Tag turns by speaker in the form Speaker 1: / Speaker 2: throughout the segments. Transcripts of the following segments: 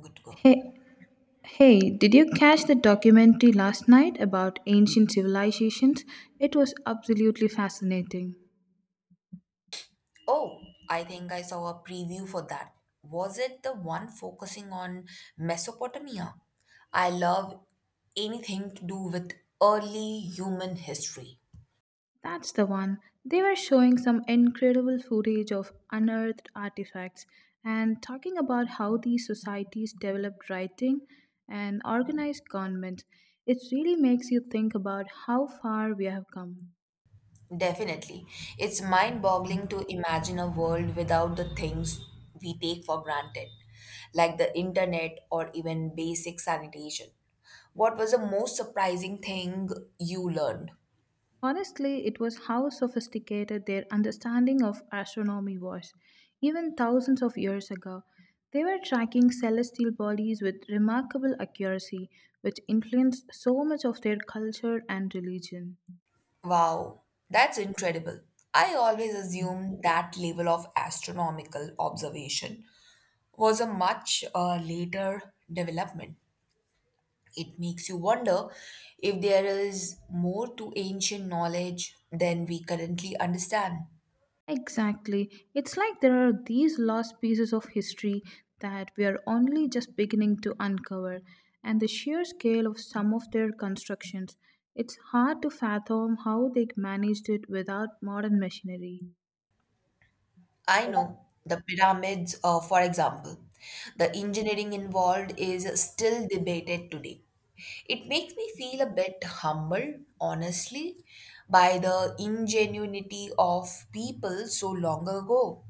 Speaker 1: Good to go.
Speaker 2: Hey, hey, did you catch the documentary last night about ancient civilizations? It was absolutely fascinating.
Speaker 1: Oh, I think I saw a preview for that. Was it the one focusing on Mesopotamia? I love anything to do with early human history.
Speaker 2: That's the one. They were showing some incredible footage of unearthed artifacts and talking about how these societies developed writing and organized government. It really makes you think about how far we have come.
Speaker 1: Definitely. It's mind boggling to imagine a world without the things we take for granted, like the internet or even basic sanitation. What was the most surprising thing you learned?
Speaker 2: Honestly, it was how sophisticated their understanding of astronomy was. Even thousands of years ago, they were tracking celestial bodies with remarkable accuracy, which influenced so much of their culture and religion.
Speaker 1: Wow, that's incredible. I always assumed that level of astronomical observation was a much later development. It makes you wonder if there is more to ancient knowledge than we currently understand.
Speaker 2: Exactly. It's like there are these lost pieces of history that we are only just beginning to uncover, and the sheer scale of some of their constructions. It's hard to fathom how they managed it without modern machinery.
Speaker 1: I know the pyramids, for example, the engineering involved is still debated today. It makes me feel a bit humbled, honestly, by the ingenuity of people so long ago.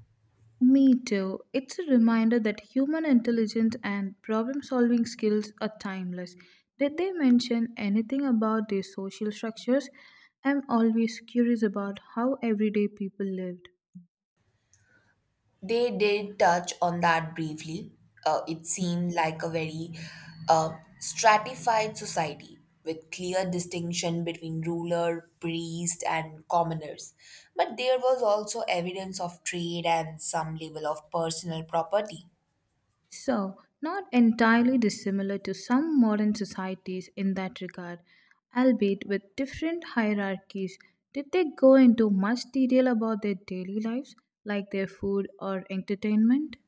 Speaker 2: Me too. It's a reminder that human intelligence and problem solving skills are timeless. Did they mention anything about their social structures? I'm always curious about how everyday people lived.
Speaker 1: They did touch on that briefly. It seemed like a very uh, stratified society with clear distinction between ruler, priest, and commoners. But there was also evidence of trade and some level of personal property.
Speaker 2: So, not entirely dissimilar to some modern societies in that regard, albeit with different hierarchies. Did they go into much detail about their daily lives, like their food or entertainment?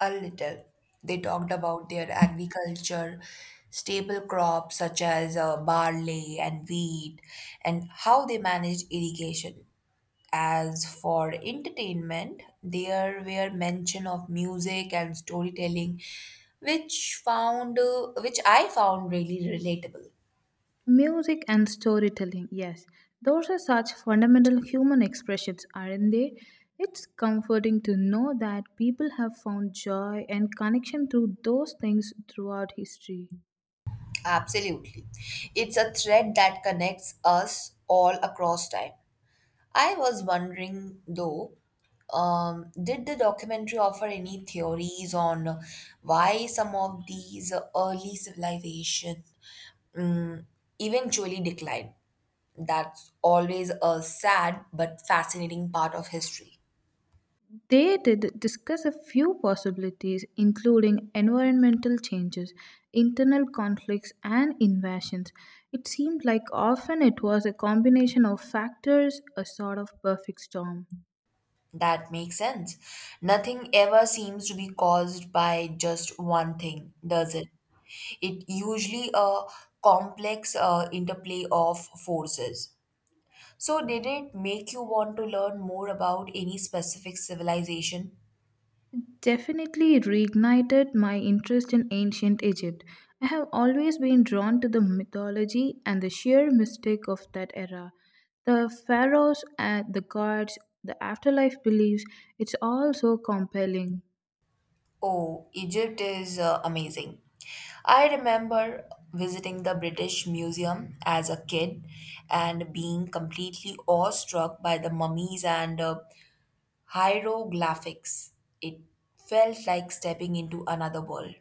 Speaker 1: A little. They talked about their agriculture, staple crops such as barley and wheat, and how they managed irrigation. As for entertainment, there were mention of music and storytelling, which I found really relatable.
Speaker 2: Music and storytelling, yes. Those are such fundamental human expressions, aren't they? It's comforting to know that people have found joy and connection through those things throughout history.
Speaker 1: Absolutely, it's a thread that connects us all across time. I was wondering though, did the documentary offer any theories on why some of these early civilizations um, eventually declined? That's always a sad but fascinating part of history.
Speaker 2: They did discuss a few possibilities, including environmental changes, internal conflicts, and invasions. It seemed like often it was a combination of factors, a sort of perfect storm.
Speaker 1: That makes sense. Nothing ever seems to be caused by just one thing, does it? It usually a complex interplay of forces. So, did it make you want to learn more about any specific civilization?
Speaker 2: Definitely reignited my interest in ancient Egypt. I have always been drawn to the mythology and the sheer mystic of that era. The pharaohs and the gods, the afterlife beliefs, it's all so compelling.
Speaker 1: Oh, Egypt is amazing. I remember visiting the British Museum as a kid and being completely awestruck by the mummies and hieroglyphics. It felt like stepping into another world.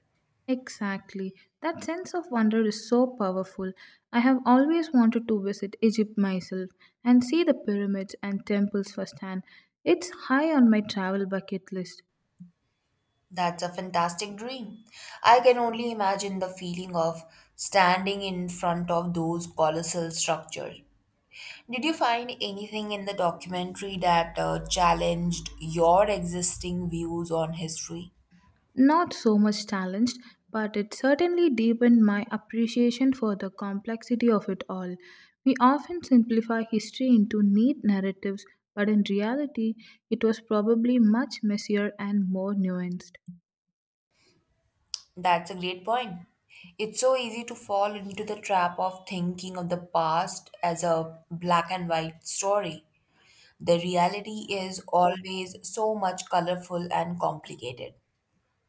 Speaker 2: Exactly. That sense of wonder is so powerful. I have always wanted to visit Egypt myself and see the pyramids and temples firsthand. It's high on my travel bucket list.
Speaker 1: That's a fantastic dream. I can only imagine the feeling of standing in front of those colossal structures. Did you find anything in the documentary that challenged your existing views on history?
Speaker 2: Not so much challenged, but it certainly deepened my appreciation for the complexity of it all. We often simplify history into neat narratives, but in reality, it was probably much messier and more nuanced.
Speaker 1: That's a great point. It's so easy to fall into the trap of thinking of the past as a black and white story. The reality is always so much colorful and complicated.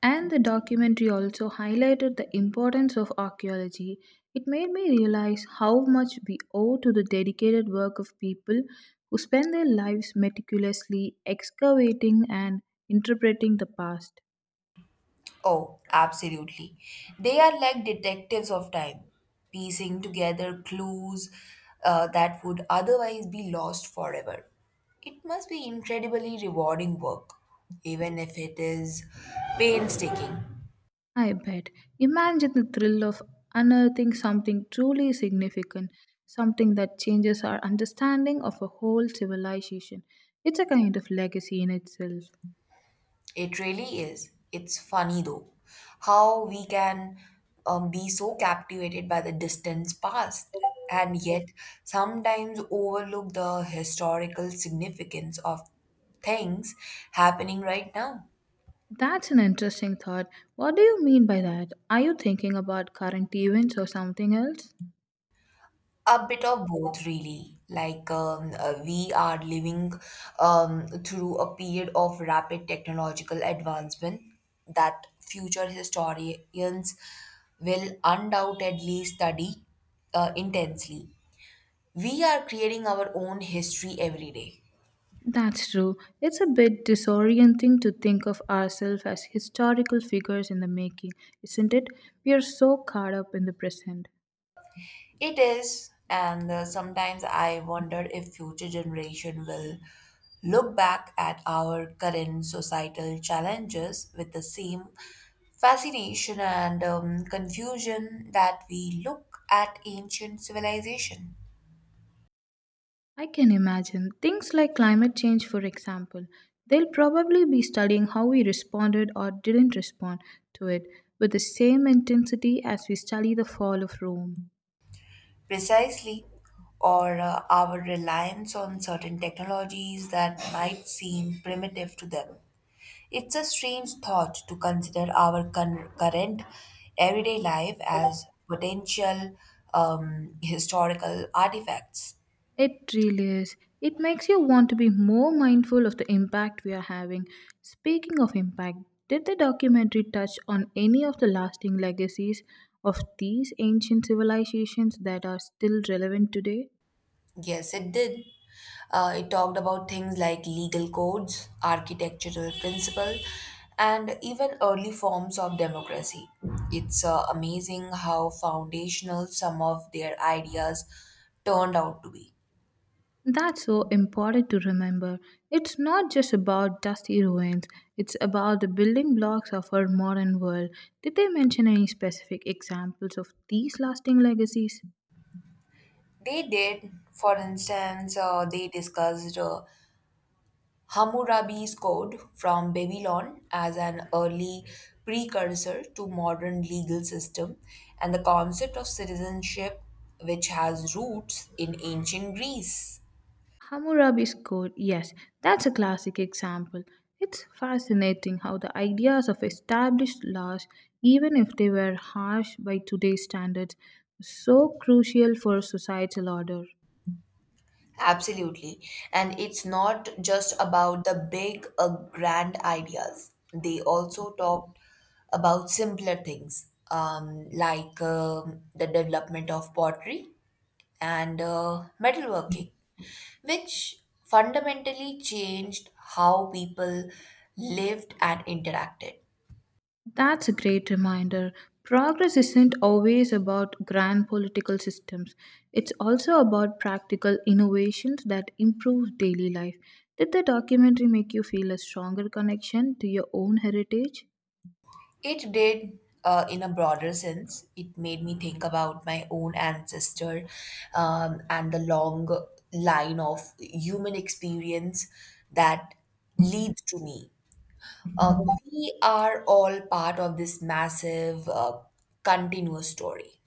Speaker 2: And the documentary also highlighted the importance of archaeology. It made me realize how much we owe to the dedicated work of people who spend their lives meticulously excavating and interpreting the past.
Speaker 1: Oh, absolutely. They are like detectives of time, piecing together clues that would otherwise be lost forever. It must be incredibly rewarding work, even if it is painstaking.
Speaker 2: I bet. Imagine the thrill of unearthing something truly significant, something that changes our understanding of a whole civilization. It's a kind of legacy in itself.
Speaker 1: It really is. It's funny though, how we can be so captivated by the distant past and yet sometimes overlook the historical significance of things happening right now.
Speaker 2: That's an interesting thought. What do you mean by that? Are you thinking about current events or something else?
Speaker 1: A bit of both, really. We are living through a period of rapid technological advancement that future historians will undoubtedly study intensely. We are creating our own history every day.
Speaker 2: That's true. It's a bit disorienting to think of ourselves as historical figures in the making, isn't it? We are so caught up in the present.
Speaker 1: It is, and sometimes I wonder if future generation will look back at our current societal challenges with the same fascination and confusion that we look at ancient civilization.
Speaker 2: I can imagine. Things like climate change, for example, they'll probably be studying how we responded or didn't respond to it with the same intensity as we study the fall of Rome.
Speaker 1: Precisely, or our reliance on certain technologies that might seem primitive to them. It's a strange thought to consider our current everyday life as potential historical artifacts.
Speaker 2: It really is. It makes you want to be more mindful of the impact we are having. Speaking of impact, did the documentary touch on any of the lasting legacies of these ancient civilizations that are still relevant today?
Speaker 1: Yes, it did. It talked about things like legal codes, architectural principle, and even early forms of democracy. It's amazing how foundational some of their ideas turned out to be.
Speaker 2: That's so important to remember. It's not just about dusty ruins, it's about the building blocks of our modern world. Did they mention any specific examples of these lasting legacies?
Speaker 1: They did, for instance, they discussed Hammurabi's Code from Babylon as an early precursor to modern legal system and the concept of citizenship which has roots in ancient Greece.
Speaker 2: Hammurabi's Code, yes, that's a classic example. It's fascinating how the ideas of established laws, even if they were harsh by today's standards, were so crucial for societal order.
Speaker 1: Absolutely. And it's not just about the big, grand ideas. They also talked about simpler things, like the development of pottery and metalworking, which fundamentally changed how people lived and interacted.
Speaker 2: That's a great reminder. Progress isn't always about grand political systems. It's also about practical innovations that improve daily life. Did the documentary make you feel a stronger connection to your own heritage?
Speaker 1: It did, in a broader sense, it made me think about my own ancestor and the long line of human experience that leads to me. Uh, we are all part of this massive, continuous story.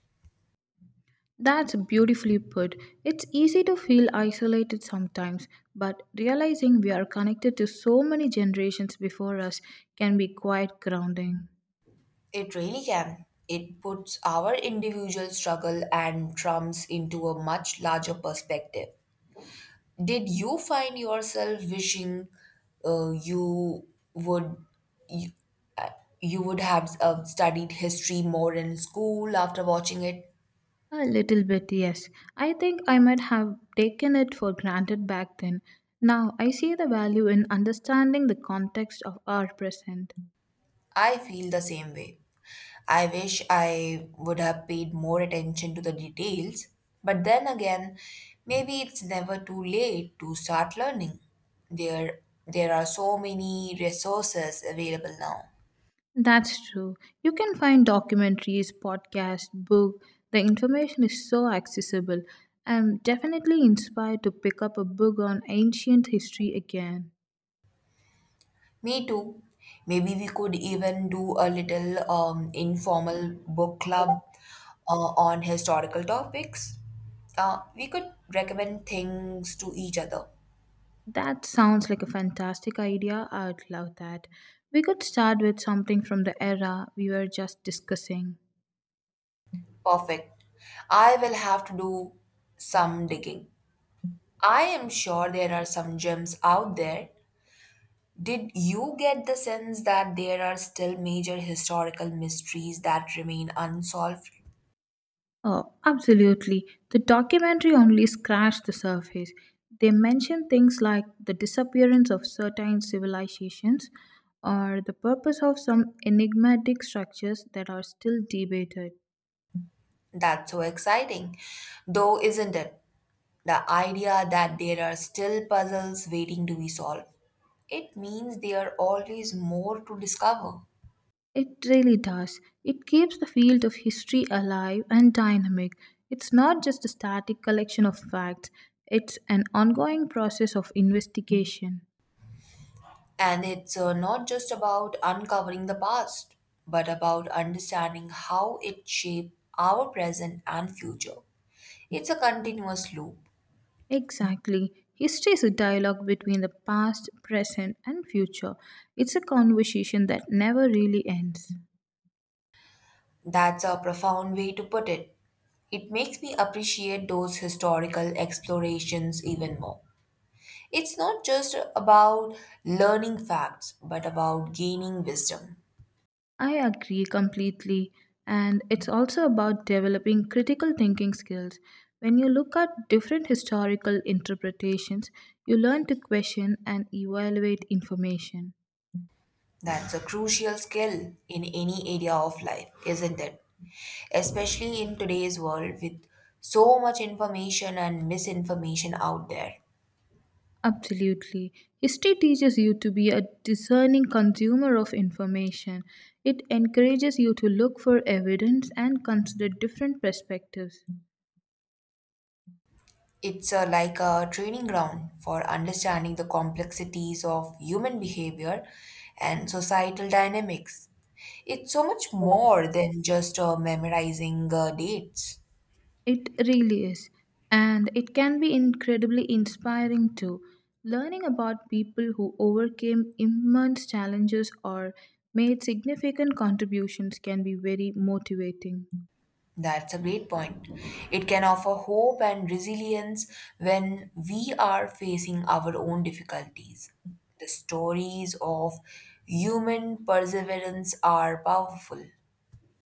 Speaker 2: That's beautifully put. It's easy to feel isolated sometimes, but realizing we are connected to so many generations before us can be quite grounding.
Speaker 1: It really can. It puts our individual struggle and trumps into a much larger perspective. Did you find yourself wishing you would you, uh, you would have studied history more in school after watching it?
Speaker 2: A little bit, yes. I think I might have taken it for granted back then. Now I see the value in understanding the context of our present.
Speaker 1: I feel the same way. I wish I would have paid more attention to the details, but then again, maybe it's never too late to start learning. There there are so many resources available now.
Speaker 2: That's true. You can find documentaries, podcasts, book. The information is so accessible. I'm definitely inspired to pick up a book on ancient history again.
Speaker 1: Me too. Maybe we could even do a little informal book club on historical topics. We could recommend things to each other.
Speaker 2: That sounds like a fantastic idea. I'd love that. We could start with something from the era we were just discussing.
Speaker 1: Perfect. I will have to do some digging. I am sure there are some gems out there. Did you get the sense that there are still major historical mysteries that remain unsolved?
Speaker 2: Oh, absolutely. The documentary only scratched the surface. They mention things like the disappearance of certain civilizations or the purpose of some enigmatic structures that are still debated.
Speaker 1: That's so exciting, though, isn't it? The idea that there are still puzzles waiting to be solved. It means there are always more to discover.
Speaker 2: It really does. It keeps the field of history alive and dynamic. It's not just a static collection of facts, it's an ongoing process of investigation.
Speaker 1: And it's not just about uncovering the past, but about understanding how it shaped our present and future. It's a continuous loop.
Speaker 2: Exactly. History is a dialogue between the past, present, and future. It's a conversation that never really ends.
Speaker 1: That's a profound way to put it. It makes me appreciate those historical explorations even more. It's not just about learning facts, but about gaining wisdom.
Speaker 2: I agree completely. And it's also about developing critical thinking skills. When you look at different historical interpretations, you learn to question and evaluate information.
Speaker 1: That's a crucial skill in any area of life, isn't it? Especially in today's world with so much information and misinformation out there.
Speaker 2: Absolutely. History teaches you to be a discerning consumer of information. It encourages you to look for evidence and consider different perspectives.
Speaker 1: It's like a training ground for understanding the complexities of human behavior and societal dynamics. It's so much more than just memorizing dates.
Speaker 2: It really is. And it can be incredibly inspiring too. Learning about people who overcame immense challenges or made significant contributions can be very motivating.
Speaker 1: That's a great point. It can offer hope and resilience when we are facing our own difficulties. The stories of human perseverance are powerful,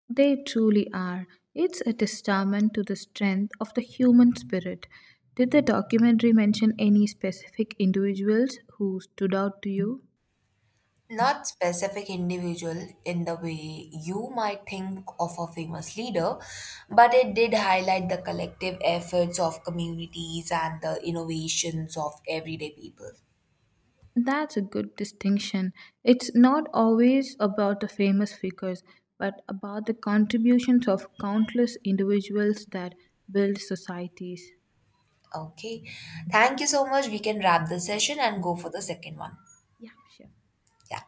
Speaker 2: They truly are. It's a testament to the strength of the human spirit. Did the documentary mention any specific individuals who stood out to you?
Speaker 1: not specific individual in the way you might think of a famous leader, but it did highlight the collective efforts of communities and the innovations of everyday people.
Speaker 2: That's a good distinction. It's not always about the famous figures, but about the contributions of countless individuals that build societies.
Speaker 1: Okay. Thank you so much. We can wrap the session and go for the second one.
Speaker 2: Yeah, sure.
Speaker 1: Yeah.